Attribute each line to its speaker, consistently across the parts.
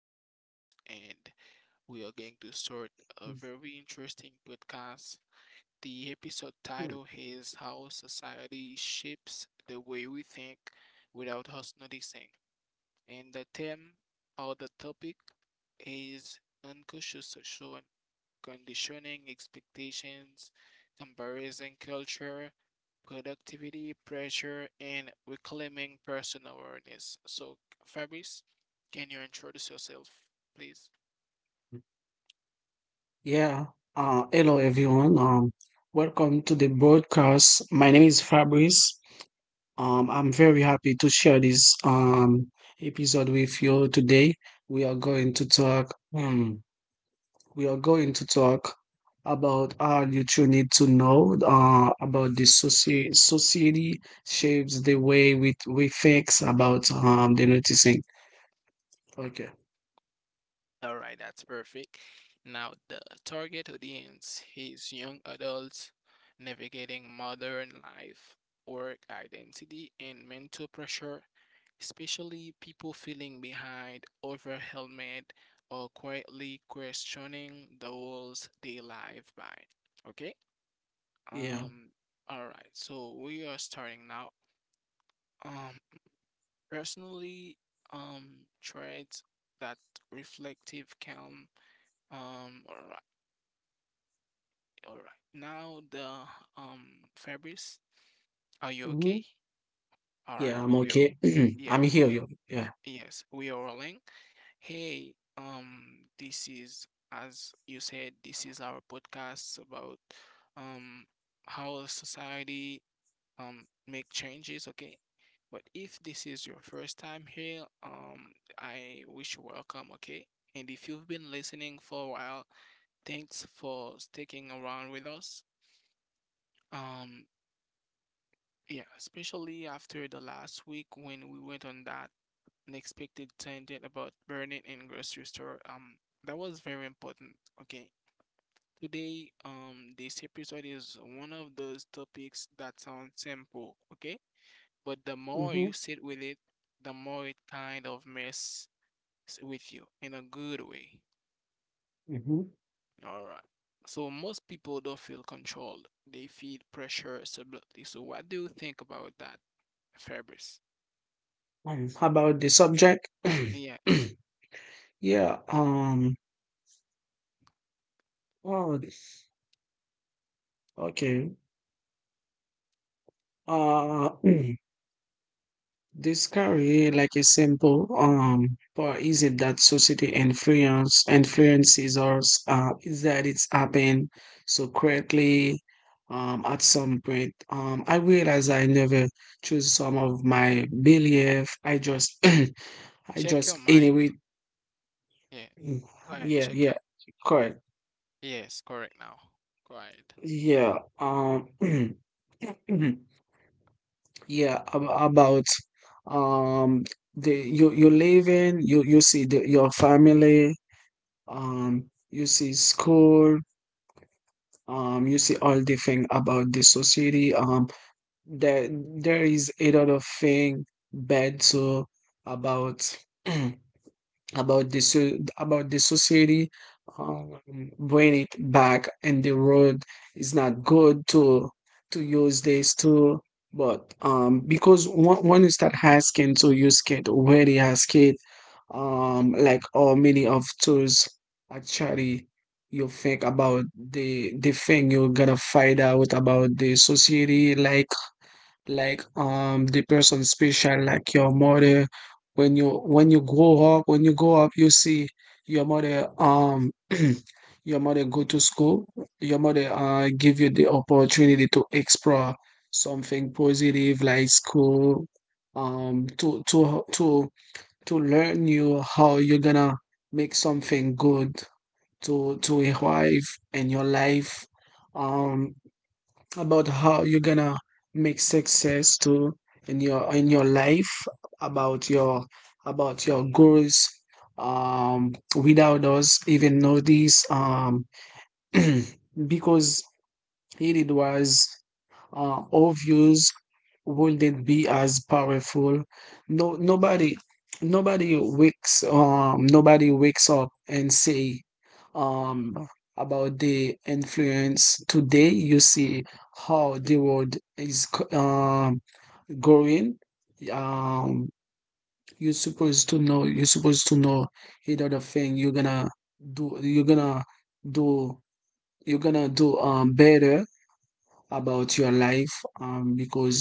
Speaker 1: with Fabrice and we are going to start a very interesting podcast. The episode title is How Society Shapes the Way We Think Without Us Noticing, and the theme or the topic is unconscious social conditioning, expectations, comparison culture, productivity, pressure, and reclaiming personal awareness. So, Fabrice, can you introduce yourself, please?
Speaker 2: Yeah. Hello, everyone. Welcome to the broadcast. My name is Fabrice. I'm very happy to share this episode with you today. We are going to talk. We are going to talk about all that you need to know. About the society shapes the way we think about the noticing. Okay.
Speaker 1: All right, that's perfect. Now, the target audience is young adults navigating modern life, work identity, and mental pressure, especially people feeling behind over helmet or quietly questioning the rules they live by. Okay?
Speaker 2: Yeah.
Speaker 1: Um all right. So we are starting now. Um personally traits that reflective calm all right. All right. Now the Fabrice, are you
Speaker 2: hmm
Speaker 1: okay? All right.
Speaker 2: Yeah, I'm
Speaker 1: We are
Speaker 2: okay.
Speaker 1: yeah,
Speaker 2: I'm here.
Speaker 1: We
Speaker 2: You. Yeah.
Speaker 1: Yes, we are rolling. Hey, this is, as you said, this is our podcast about um how society make changes, okay? But if this is your first time here, I wish you welcome, okay? And if you've been listening for a while, thanks for sticking around with us. Um, yeah, especially after the last week when we went on that unexpected tangent about burning in grocery store. That was very important. Okay, today, this episode is one of those topics that sound simple, okay? But the more
Speaker 2: Mm-hmm.
Speaker 1: you sit with it, the more it kind of messes with you in a good way.
Speaker 2: Mhm.
Speaker 1: All right. So most people don't feel controlled. They feel pressure subtly. So what do you think about that, Fabrice?
Speaker 2: How about the subject?
Speaker 1: Yes.
Speaker 2: Yeah, um, oh, okay. Uh, mm, this career, like, is simple, but is it that society influences us? Is that it's happened so quickly, at some point? I realize I never choose some of my belief. I
Speaker 1: Check your
Speaker 2: just
Speaker 1: mic.
Speaker 2: anyway.
Speaker 1: Yeah. Go ahead.
Speaker 2: Yeah,
Speaker 1: Check
Speaker 2: yeah,
Speaker 1: your.
Speaker 2: correct.
Speaker 1: Yes, correct now. Go ahead.
Speaker 2: Yeah, um, about um the you live in you see the, your family, you see school, you see all the thing about the society. There there is a lot of thing bad too about about the about the society um, bring it back and the road is not good to use this too. But because one, when you start asking to use kit where they ask it,
Speaker 1: Mm,
Speaker 2: like all many of tools actually. You think about the thing you're gonna find out about the society, like the person special like your mother. When you when you grow up, when you grow up you see your mother your mother go to school, your mother give you the opportunity to explore something positive like school, um to to to to learn you how you're gonna make something good to arrive in your life, um about how you're gonna make success to in your life, about your goals, without us even know this Because it was all views wouldn't be as powerful. No, nobody nobody wakes up and say, um, about the influence today. You see how the world is, going. Um, you're supposed to know. You're supposed to know either the thing you're gonna do. You're gonna do. Better about your life, because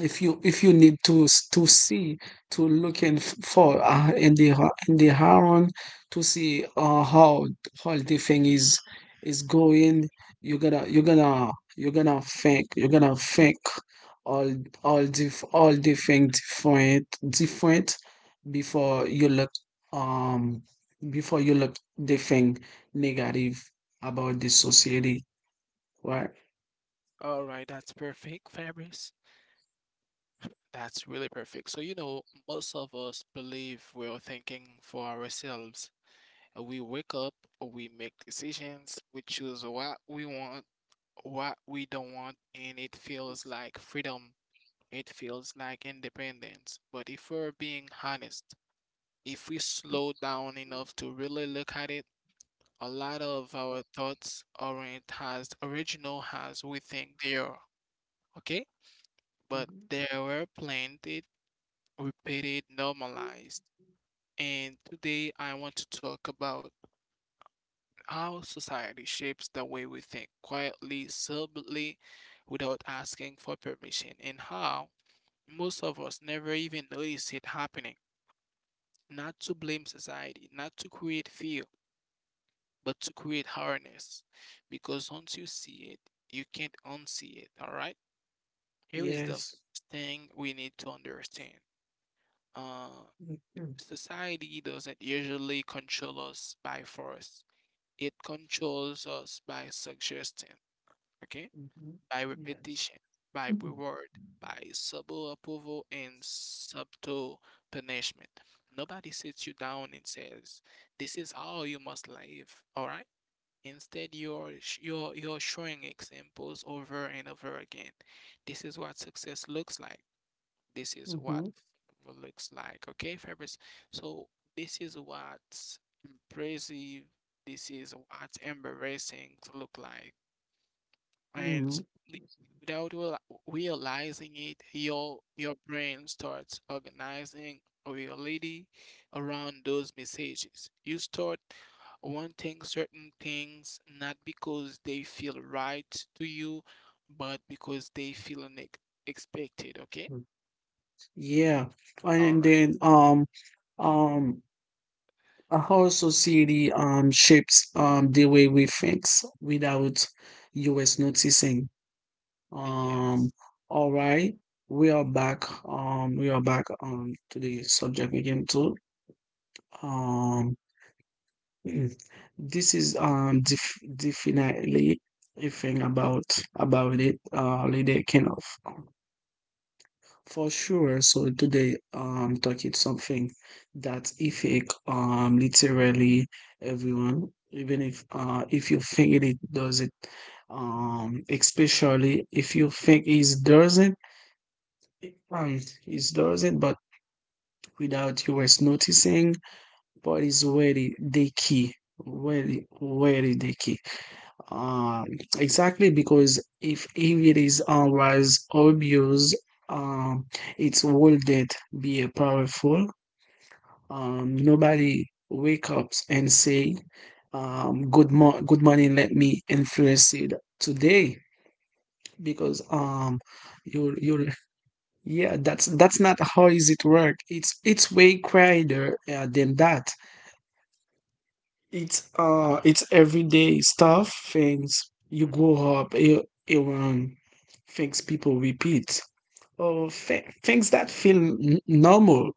Speaker 2: if you need to to see to look in for in the in the haron to see how the thing is going, you're gonna think all all the thing different before you look um before you look the thing negative about the society, right?
Speaker 1: all right, that's perfect, Fabrice. That's really perfect. So, you know, most of us believe we're thinking for ourselves. We wake up, we make decisions, we choose what we want, what we don't want, and it feels like freedom. It feels like independence, but if we're being honest, if we slow down enough to really look at it, a lot of our thoughts aren't as original as we think they are, okay? But
Speaker 2: hmm
Speaker 1: they were planted, repeated, normalized. And today I want to talk about how society shapes the way we think quietly, subtly, without asking for permission, and how most of us never even notice it happening. Not to blame society, not to create fear, but to create awareness. Because once you see it, you can't unsee it. All right. Here is the
Speaker 2: Yes.
Speaker 1: first thing we need to understand. Uh,
Speaker 2: Mm-hmm.
Speaker 1: society doesn't usually control us by force. It controls us by suggestion. Okay.
Speaker 2: Mm-hmm.
Speaker 1: By
Speaker 2: Yes.
Speaker 1: repetition, by
Speaker 2: Mm-hmm.
Speaker 1: reward, by subtle approval, and subtle punishment. Nobody sits you down and says, "This is how you must live." All right. Instead, you're showing examples over and over again. This is what success looks like. This is what
Speaker 2: Mm-hmm.
Speaker 1: favor looks like. Okay, Fabrice. So this is what impressive. This is what embarrassing look like. And
Speaker 2: Mm-hmm.
Speaker 1: slowly, without realizing it, your brain starts organizing reality around those messages. You start wanting certain things not because they feel right to you, but because they feel expected. Okay.
Speaker 2: Yeah,
Speaker 1: All
Speaker 2: and
Speaker 1: right.
Speaker 2: then um I also see the shapes the way we think without us noticing. Um,
Speaker 1: Yes.
Speaker 2: all right, we are back. We are back to the subject again too. Um, mm, this is definitely a thing about it. Lady kind of for sure. So today, talking something that affect literally everyone. Even if you think it does it, especially if you think it doesn't. And it doesn't, but without you was noticing, but it's really the key. Really, really the key. Um, exactly, because if it is always obvious, um, it wouldn't be a powerful. Nobody wake up and say, good morning, let me influence it today because you yeah, that's not how is it work. It's way quieter than that.
Speaker 1: Uh,
Speaker 2: It's everyday stuff, things you grow up around, things people repeat, or things that feel normal.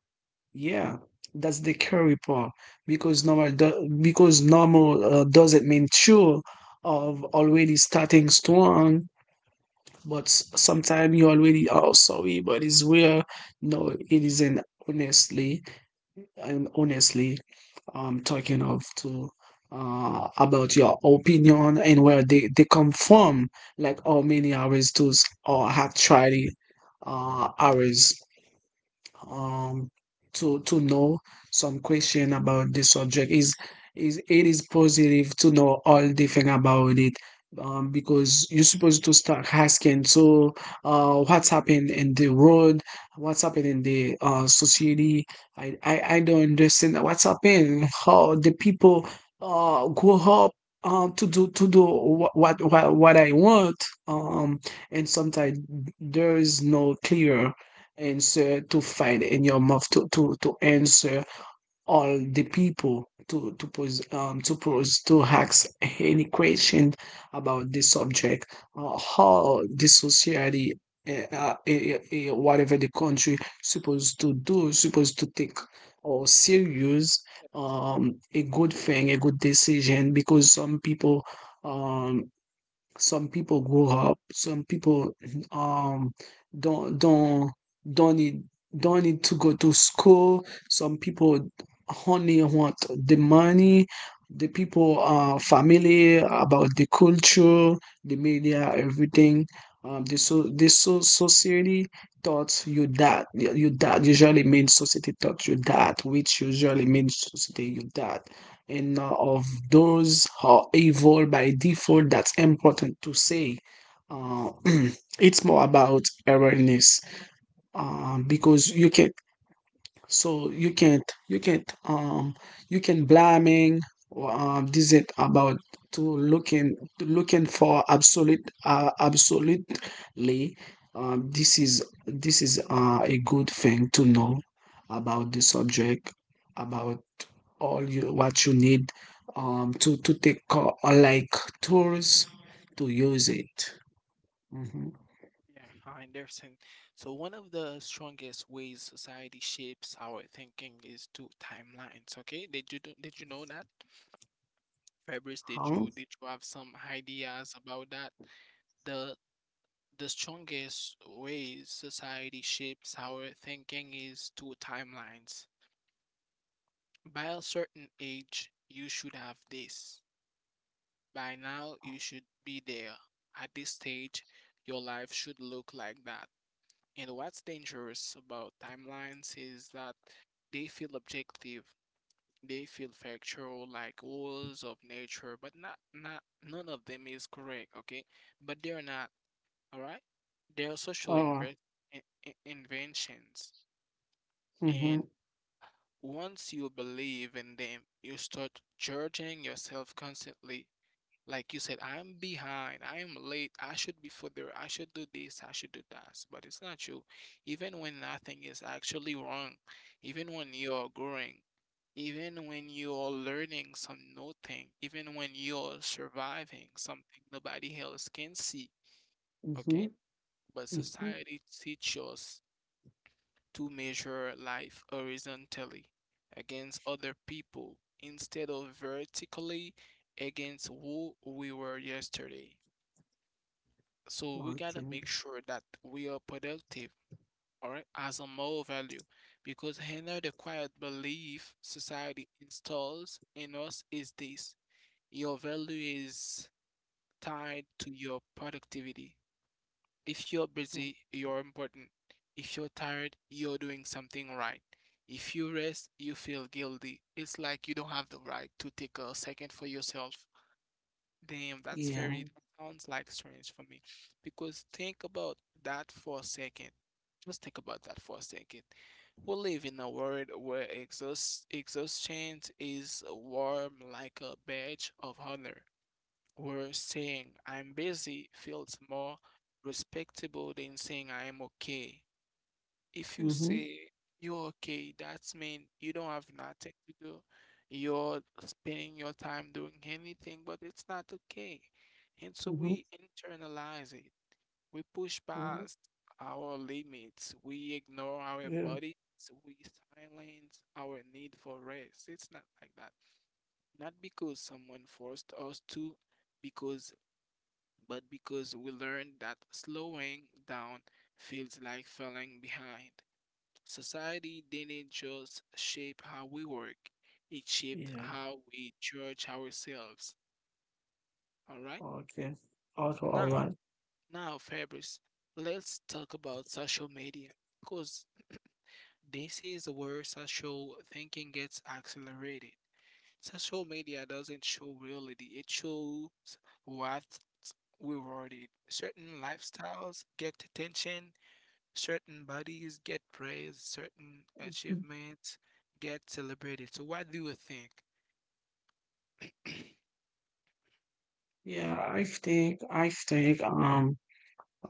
Speaker 2: Yeah, that's the curry part because normal because normal doesn't mean true of already starting strong, but sometimes you already are sorry, but it's where no it isn't honestly. And honestly, talking of to about your opinion and where they come from, like how many hours tools or have tried it, hours um to know some question about the subject, is it is positive to know all the thing about it, because you're supposed to start asking so what's happened in the world, what's happened in the society. I don't understand what's happened, how the people grow up to do what what I want, um and sometimes there is no clear answer to find in your mouth to answer all the people to pose to pose to ask any question about the subject, how the society eh, uh, eh, eh, whatever the country supposed to do supposed to take or serious
Speaker 1: yes.
Speaker 2: a good thing a good decision, because um some people grow up. Some people um don't don't don't need to go to school. Some people only want the money. The people are familiar about the culture, the media, everything. The society taught you that usually means society taught you that, which usually means society you that, and of those who are evil by default, that's important to say. Uh, it's more about awareness, because you can so you can't you can blaming, this is about to looking, looking for absolute absolutely, this is, a good thing to know about the subject, about all you what you need to take like tools to use it. Mm-hmm.
Speaker 1: Yeah, I understand. So one of the strongest ways society shapes our thinking is through timelines, okay? Did you know that? Fabrice,
Speaker 2: how,
Speaker 1: did you have some ideas about that? The strongest ways society shapes our thinking is through timelines. By a certain age, you should have this. By now, you should be there. At this stage, your life should look like that. And what's dangerous about timelines is that they feel objective, they feel factual, like rules of nature, but not none of them is correct, okay? But they're not, all right? They're social
Speaker 2: oh,
Speaker 1: inve- in- inventions,
Speaker 2: mm-hmm,
Speaker 1: and once you believe in them, you start judging yourself constantly. Like you said, I'm behind, I'm late, I should be further, I should do this, I should do that. But it's not true. Even when nothing is actually wrong, even when you're growing, even when you're learning some new thing, even when you're surviving something nobody else can see,
Speaker 2: mm-hmm,
Speaker 1: okay? But
Speaker 2: mm-hmm.
Speaker 1: society teaches us to measure life horizontally against other people instead of vertically against who we were yesterday. So we gotta
Speaker 2: Okay.
Speaker 1: make sure that we are productive, all right, as a moral value, because another the quiet belief society installs in us is this: your value is tied to your productivity. If you're busy, you're important. If you're tired, you're doing something right. If you rest, you feel guilty. It's like you don't have the right to take a second for yourself. Damn, that's
Speaker 2: Yeah.
Speaker 1: very, that sounds like strange for me. Because think about that for a second. Just think about that for a second. We live in a world where exhaustion is warm like a badge of honor, where saying I'm busy feels more respectable than saying I'm okay. If you
Speaker 2: Mm-hmm.
Speaker 1: say you're okay, that's mean you don't have nothing to do. You're spending your time doing anything, but it's not okay. And so
Speaker 2: Mm-hmm.
Speaker 1: we internalize it. We push
Speaker 2: hmm
Speaker 1: past our limits. We ignore our
Speaker 2: Yeah.
Speaker 1: bodies. We silence our need for rest. It's not like that. Not because someone forced us to, because but because we learned that slowing down feels like falling behind. Society didn't just shape how we work, it shaped
Speaker 2: Yeah.
Speaker 1: how we judge ourselves. All right?
Speaker 2: Okay. Also, all
Speaker 1: Now,
Speaker 2: right.
Speaker 1: now, Fabrice, let's talk about social media because this is where social thinking gets accelerated. Social media doesn't show reality, it shows what rewarded. Certain lifestyles get attention, certain bodies get praised, certain achievements get celebrated. So what do you think?
Speaker 2: I think um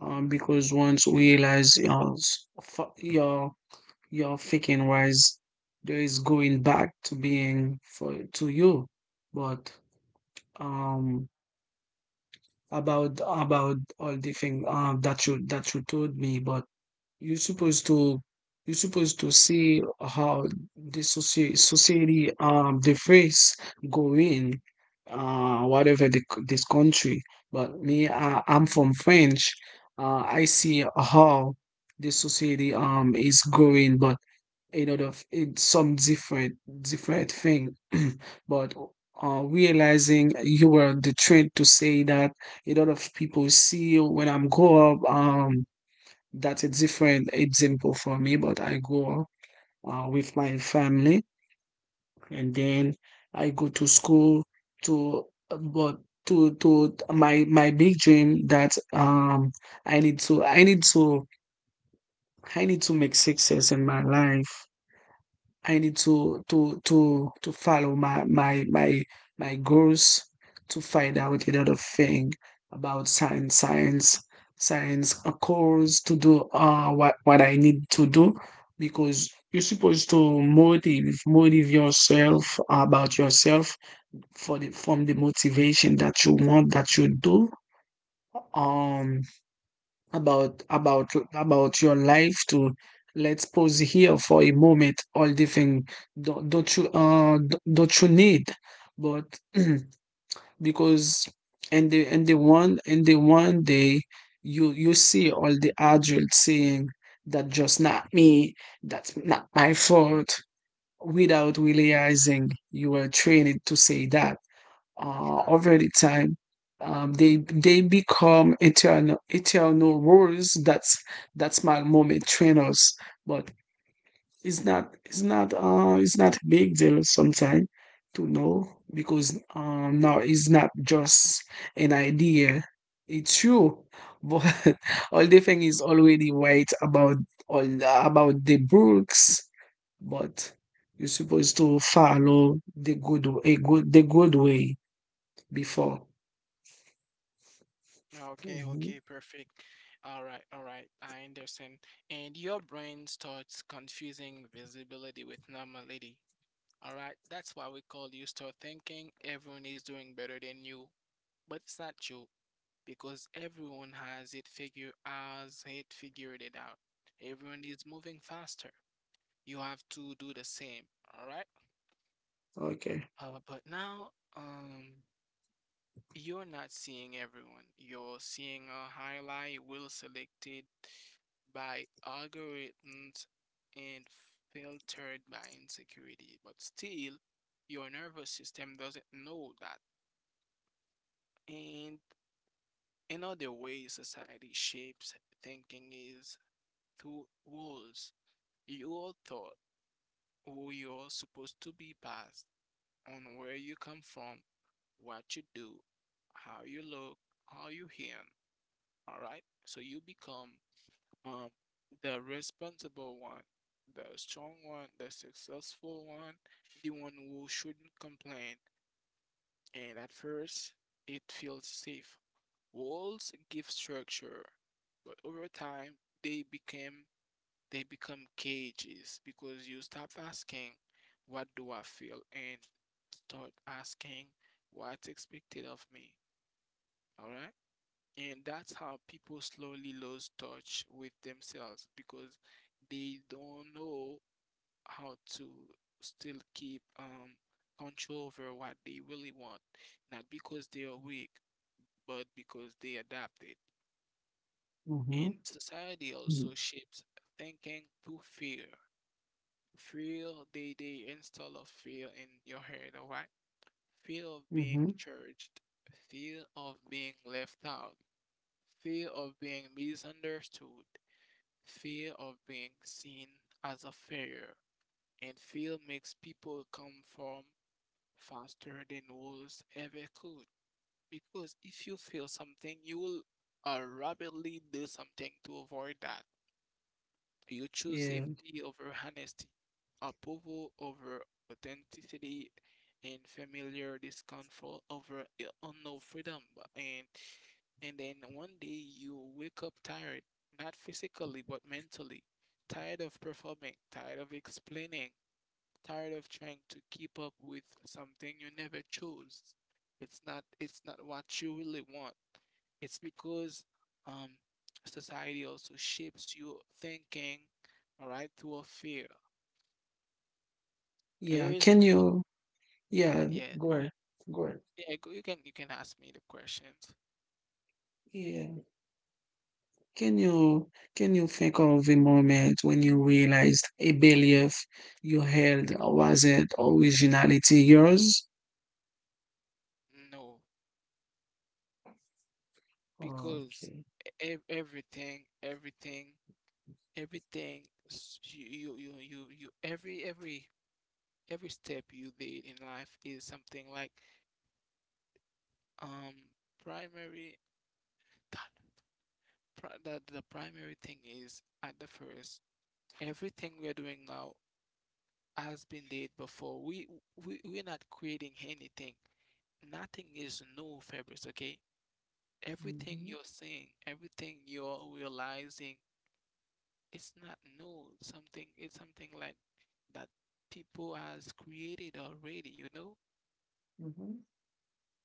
Speaker 2: um because once we realize your Your thinking wise, there is going back to being for to you. But um about all the thing that you told me, but you're supposed to you're supposed to see how the society the face going whatever the, this country. But I'm from French. I see how the society is going, but you know the it's some different different thing but realizing you were the trend to say that a lot of people see when I'm grow up, that's a different example for me, but I grow up with my family, and then I go to school to, but to my big dream that i need to i need to I need to make success in my life. I need to follow my goals to find out a lot of thing about science, a course to do what I need to do, because you're supposed to motive yourself about yourself for the from the motivation that you want that you do. Um about your life to let's pause here for a moment. All the thing don't you don't you need, but because and the one day you see all the adults saying that just not me, that's not my fault, without realizing you were trained to say that
Speaker 1: Sure.
Speaker 2: over the time. They become eternal rules. That's my moment trainers, but it's not a big deal sometimes to know, because now it's not just an idea. It's true, but all the thing is already right about all about the books, but you're supposed to follow the good a good the good way before.
Speaker 1: Okay,
Speaker 2: Mhm.
Speaker 1: okay, perfect. All right, I understand. And your brain starts confusing visibility with normality. All right, that's why we call you start thinking everyone is doing better than you. But it's not true because everyone has it figured as it figured it out. Everyone is moving faster. You have to do the same, all right?
Speaker 2: Okay.
Speaker 1: But now, um, you're not seeing everyone. You're seeing a highlight well selected by algorithms and filtered by insecurity. But still, your nervous system doesn't know that. And another way society shapes thinking is through walls. Your thought, who you're supposed to be past. On where you come from, what you do, how you look, how you hear. All right. So you become um, the responsible one, the strong one, the successful one, the one who shouldn't complain. And at first, it feels safe. Walls give structure, but over time, they became they become cages because you stop asking, what do I feel? And start asking, what's expected of me? All right. And that's how people slowly lose touch with themselves because they don't know how to still keep control over what they really want. Not because they are weak, but because they adapted.
Speaker 2: Mm-hmm.
Speaker 1: And society also shapes thinking to fear. Feel the install of fear in your head, all right? Fear of being
Speaker 2: Mm-hmm.
Speaker 1: judged, fear of being left out, fear of being misunderstood, fear of being seen as a failure, and fear makes people come from faster than wolves ever could. Because if you feel something, you will rapidly do something to avoid that. You choose
Speaker 2: Yeah.
Speaker 1: safety over honesty, approval over authenticity, and familiar discomfort over unknown freedom. And then one day you wake up tired, not physically but mentally, tired of performing, tired of explaining, tired of trying to keep up with something you never chose. It's not what you really want. It's because um, society also shapes your thinking, all right, through a fear.
Speaker 2: Yeah.
Speaker 1: Here is
Speaker 2: Can you? Yeah.
Speaker 1: the, yeah,
Speaker 2: Go ahead. Go ahead.
Speaker 1: yeah. go- You can ask me the questions.
Speaker 2: Yeah. Can you, think of a moment when you realized a belief you held wasn't originality yours?
Speaker 1: No, because
Speaker 2: Okay.
Speaker 1: everything, everything s- you every step you did in life is something like um primary that the primary thing is at the first everything we are doing now has been did before. We're not creating anything. Nothing is new, Fabrice, okay? Everything
Speaker 2: Mm-hmm.
Speaker 1: you're seeing, everything you're realizing, it's not new. Something it's something like that people has created already, you know?
Speaker 2: Mm-hmm.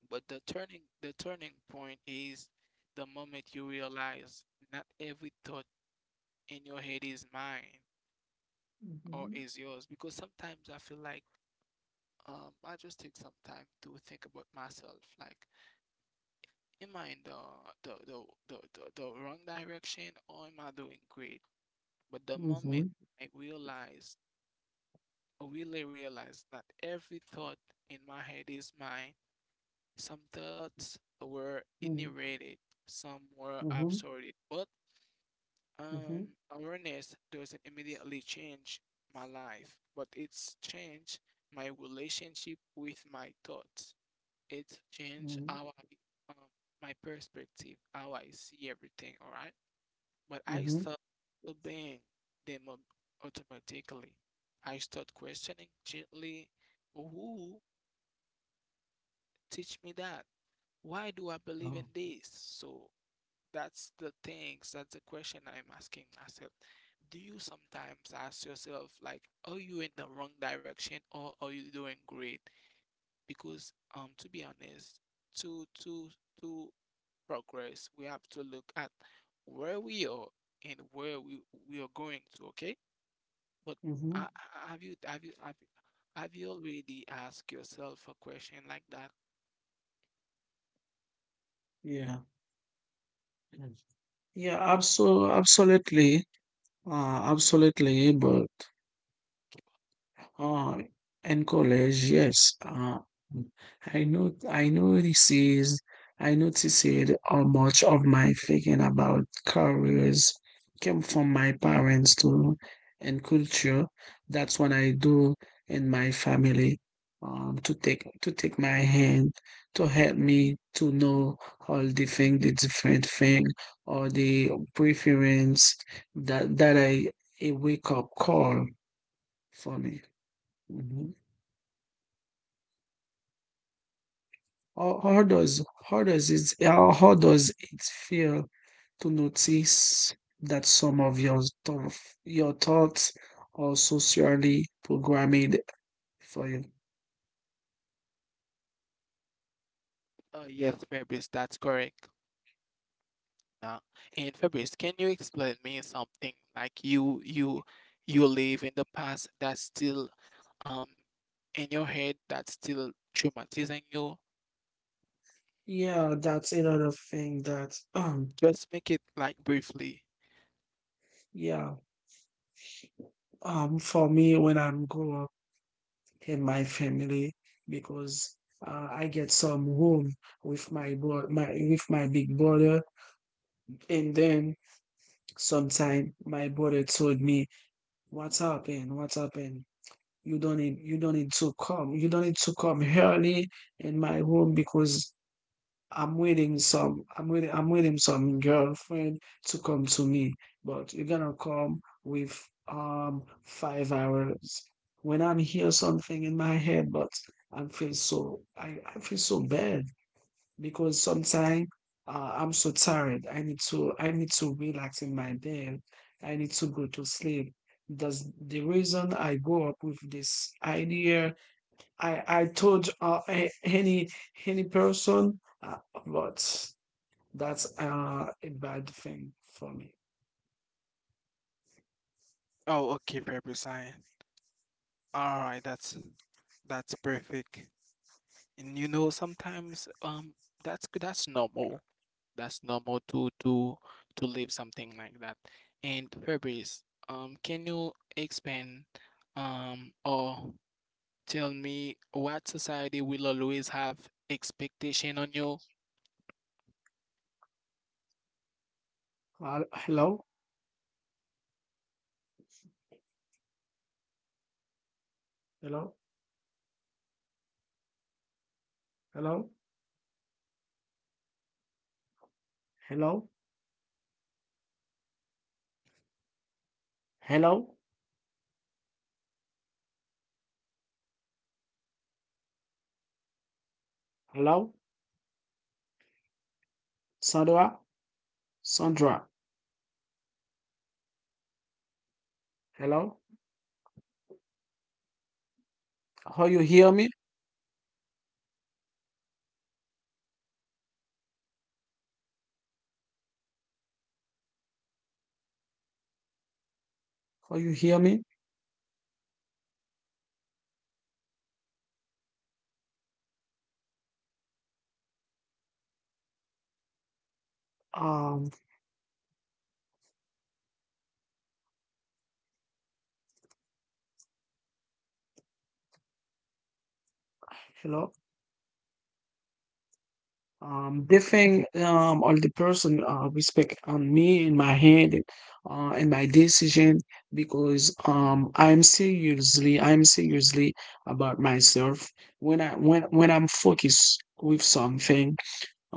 Speaker 1: But the turning point is the moment you realize not every thought in your head is mine or
Speaker 2: Mm-hmm.
Speaker 1: is yours. Because sometimes I feel like I just take some time to think about myself, like am I in the the the wrong direction or am I doing great? But the moment
Speaker 2: Mm-hmm.
Speaker 1: I realize, I really realize that every thought in my head is mine. Some thoughts were inherited, some were
Speaker 2: Mm-hmm.
Speaker 1: absorbed, but
Speaker 2: Mm-hmm.
Speaker 1: awareness doesn't immediately change my life, but it's changed my relationship with my thoughts. It's changed
Speaker 2: Mm-hmm.
Speaker 1: how I, um, my perspective, how I see everything, all right? But I
Speaker 2: Mm-hmm.
Speaker 1: start obeying them automatically. I start questioning gently, who teach me that? Why do I believe in
Speaker 2: Oh.
Speaker 1: this? So that's the things, that's the question I'm asking myself. Do you sometimes ask yourself like, are you in the wrong direction or are you doing great? Because to be honest, to to to progress, we have to look at where we are and where we are going to, okay? But
Speaker 2: Mm-hmm.
Speaker 1: have you have you already asked yourself a question like that?
Speaker 2: Yeah. Yes. Yeah, absolutely, absolutely, but. Ah, in college, yes. I know this is, I noticed how much of my thinking about careers came from my parents too, and culture. That's what I do in my family, to take my hand, to help me to know all the thing, the different thing, or the preference that I a wake up call for me. Mhm. How does how does it feel to notice that some of your your thoughts are socially programmed for you?
Speaker 1: Yes, Fabrice, that's correct. Uh, and Fabrice, can you explain me something like you live in the past that's still um in your head that's still traumatizing you?
Speaker 2: Yeah, that's another thing that
Speaker 1: Just make it like briefly.
Speaker 2: yeah. For me when I'm grow up in my family because I get some home with my bro my with my big brother. And then sometime my brother told me, "What happened, what happened? You don't need you don't need to come you don't need to come early in my room because I'm waiting some I'm waiting some girlfriend to come to me, but you're gonna come with 5 hours." When I'm here, something in my head, but I feel so bad because sometimes I'm so tired. I need to relax in my bed. I need to go to sleep. That's the reason I go up with this idea. I told any any person, but that's a bad thing for me.
Speaker 1: Oh, okay, Fabrice. I All right. That's perfect. And you know, sometimes that's normal. That's normal to to live something like that. And Fabrice, can you expand or tell me what society will always have expectation on you?
Speaker 2: Hello, hello, hello, hello, hello, hello, Sandra, Sandra. Hello, how you hear me? How you hear me? Um, hello. They think, or the person respect on me and my hand and my decision, because I'm seriously about myself. When I'm focused with something,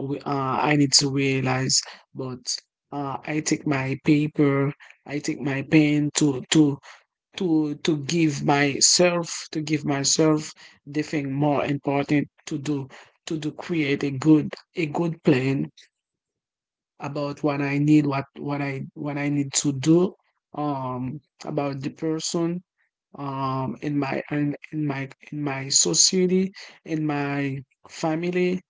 Speaker 2: we- uh, I need to realize. But I take my paper, I take my pen to give myself the thing more important to do, to do create a good plan about what I need, what I need to do, about the person, in my society, in my family,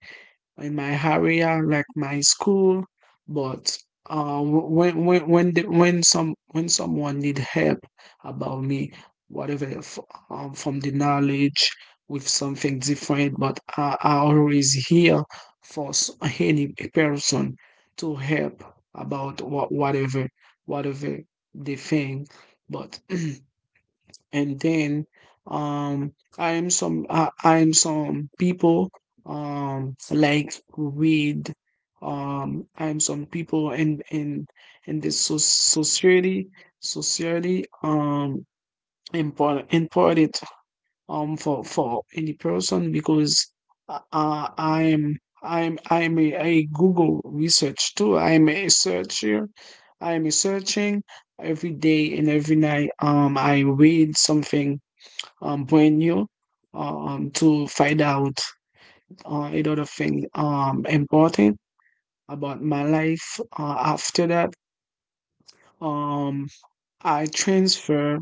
Speaker 2: in my area, like my school. But uh, when someone need help about me, whatever from the knowledge with something different. But I always here for any person to help about whatever whatever they think, but. And then um I am some people, like with, I am some people in in this society. Society, important, important, for any person, because uh, i'm I'm a Google research too. I'm a searcher, I'm a searching every day and every night. I read something, brand new, to find out a lot of things, important about my life. After that, um, I transfer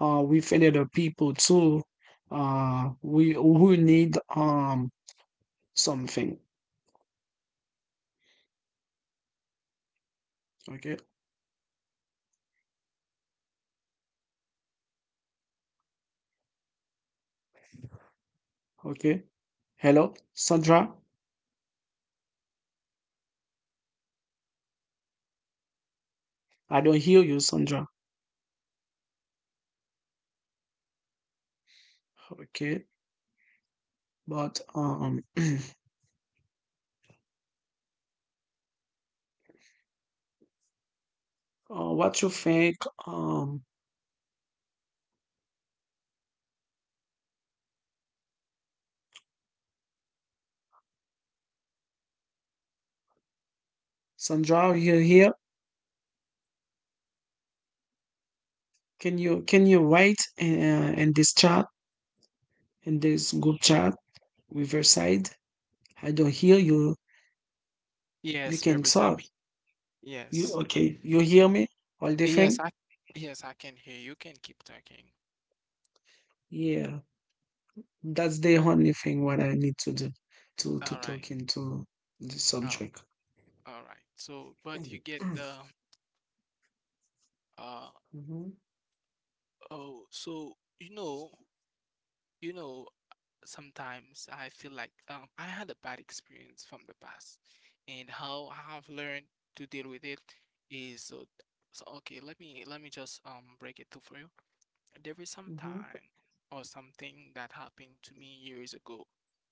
Speaker 2: with other people too. We who need something. Okay, okay. Hello, Sandra. I don't hear you, Sandra. Okay, but what you think, um, Sandra? You here? Can you write in this chat, in this group chat, Riverside? I don't hear you. You
Speaker 1: Yes,
Speaker 2: can
Speaker 1: Fabrice, I'M
Speaker 2: talk. You
Speaker 1: yes.
Speaker 2: okay? You hear me? All the
Speaker 1: Yes,
Speaker 2: thing?
Speaker 1: I yes, I can hear you. You can keep talking.
Speaker 2: Yeah, that's the only thing what I need to do to
Speaker 1: All right.
Speaker 2: talk into the
Speaker 1: Oh,
Speaker 2: subject.
Speaker 1: all right. So, but you get
Speaker 2: Mm-hmm,
Speaker 1: the uh
Speaker 2: mm-hmm,
Speaker 1: oh, so you know, sometimes I feel like I had a bad experience from the past, and how I've learned to deal with it is so, okay, let me just break it down for you. There is some time or something that happened to me years ago,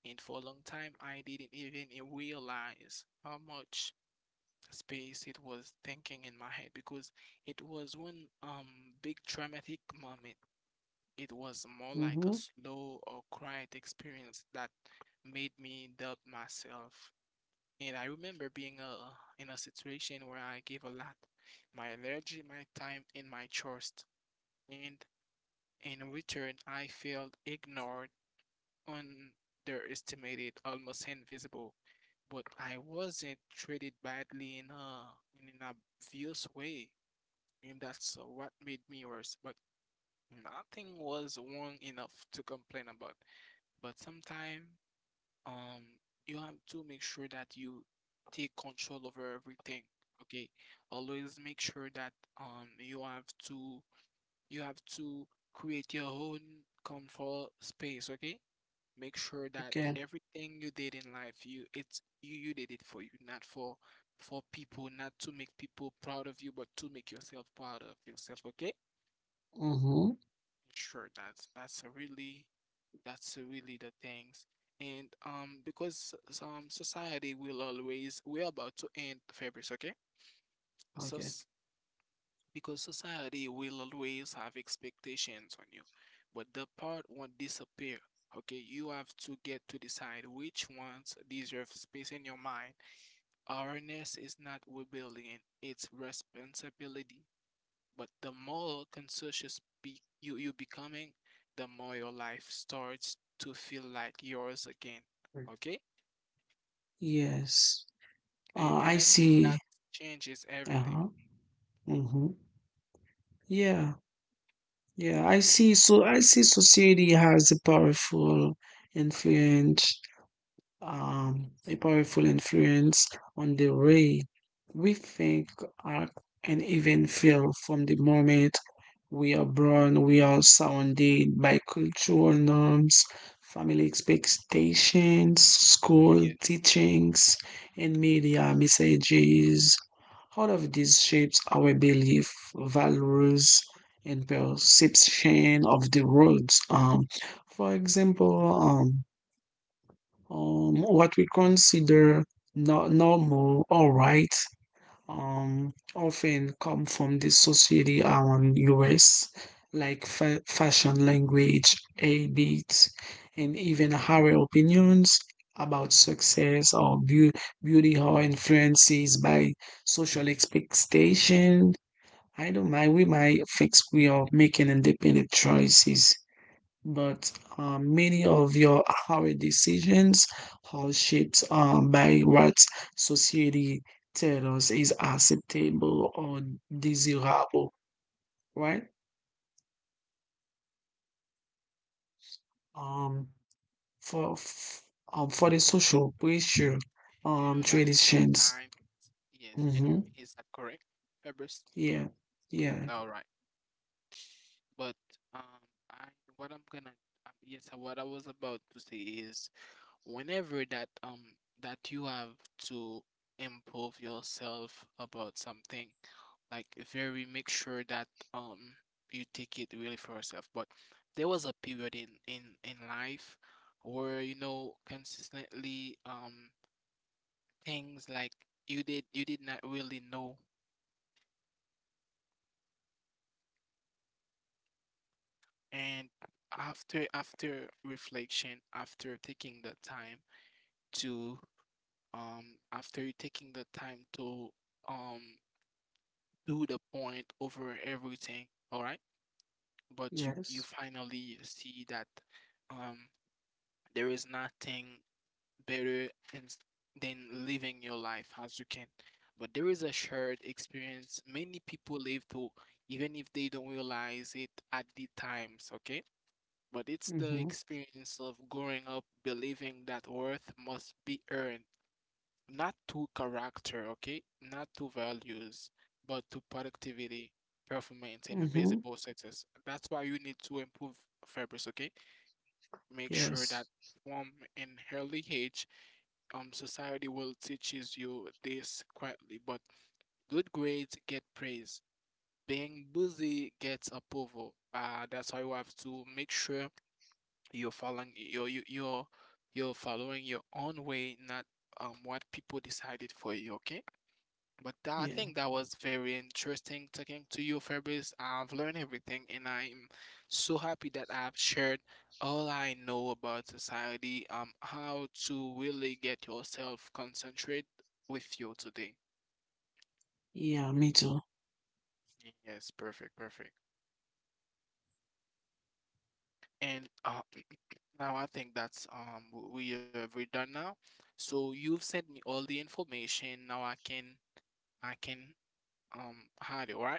Speaker 1: and for a long time I didn't even realize how much space it was thinking in my head because it was one big traumatic moment. It was more like a
Speaker 2: mm-hmm.
Speaker 1: slow or quiet experience that made me doubt myself. And I remember being in a situation where I gave a lot, my energy, my time, and my trust. And in return, I felt ignored, underestimated, almost invisible. But I wasn't treated badly in a in an obvious way. And that's what made me worse. But nothing was wrong enough to complain about. But sometimes, um, you have to make sure that you take control over everything. Okay, always make sure that you have to you have to create your own comfort space. Okay, make sure that
Speaker 2: Okay.
Speaker 1: everything you did in life, you did it for you, not for people, not to make people proud of you, but to make yourself proud of yourself. Okay.
Speaker 2: Mm-hmm.
Speaker 1: Sure, that's that's a really the things. And because some society will always, we're about to end, Fabrice, okay? So
Speaker 2: Okay.
Speaker 1: s- because society will always have expectations on you, but the part won't disappear. Okay, you have to get to decide which ones deserve space in your mind. Awareness is not rebellion, it's responsibility. But the more conscious be you you becoming, the more your life starts to feel like yours again. Okay?
Speaker 2: Yes.
Speaker 1: And
Speaker 2: I
Speaker 1: honestly,
Speaker 2: see.
Speaker 1: that changes everything.
Speaker 2: Uh-huh. Mm-hmm. Yeah. Yeah, I see. So I see society has a powerful influence, a powerful influence on the way we think, act, and even feel. From the moment we are born, we are surrounded by cultural norms, family expectations, school
Speaker 1: Yeah.
Speaker 2: teachings, and media messages. All of these shapes our belief, values, and perception of the world. For example, what we consider normal or right, often come from the society around us, like fashion language, habits, and even our opinions about success or beauty are influences by social expectation. I don't mind. We might fix we are making independent choices, but many of your our decisions are shaped, by what society tells us is acceptable or desirable, right?
Speaker 1: hmm Yes, that's
Speaker 2: Um,
Speaker 1: very, but
Speaker 2: for f- for the social pressure,
Speaker 1: you know that
Speaker 2: traditions.
Speaker 1: sometime, yes, can you
Speaker 2: Mm-hmm.
Speaker 1: hear me? Is that correct, Fabrice?
Speaker 2: Yeah, yeah,
Speaker 1: All right. But um, I what I'm gonna yes, what I was about to say is whenever that that you have to improve yourself about something, like very make sure that um you take it really for yourself. But there was a period in in life where you know consistently things like you did not really know and after reflection, after taking the time to um after you taking the time to um do the point over everything, all right? But you
Speaker 2: yes.
Speaker 1: finally see that um there is nothing better in, than living your life as you can. But there is a shared experience many people live through, even if they don't realize it at the times, okay? But it's the
Speaker 2: Mm-hmm.
Speaker 1: experience of growing up believing that worth must be earned, not to character, okay? Not to values, but to productivity, performance, and
Speaker 2: Mm-hmm.
Speaker 1: visible success. That's why you need to improve, fabrics, okay? Make sure
Speaker 2: Yes.
Speaker 1: that from an early age, society will teaches you this quietly, but good grades get praise. Being busy gets approval. That's why you have to make sure you're following you're you- you're you're following your own way, not what people decided for you, okay? I
Speaker 2: Yeah.
Speaker 1: think that was very interesting talking to you, Fabrice. I've learned everything, and I'm so happy that I've shared all I know about society, how to really get yourself concentrate with you today.
Speaker 2: Yeah. Me too.
Speaker 1: Yes, perfect, perfect. And now I think that's we're done now. So you've sent me all the information. Now I can hide it, right?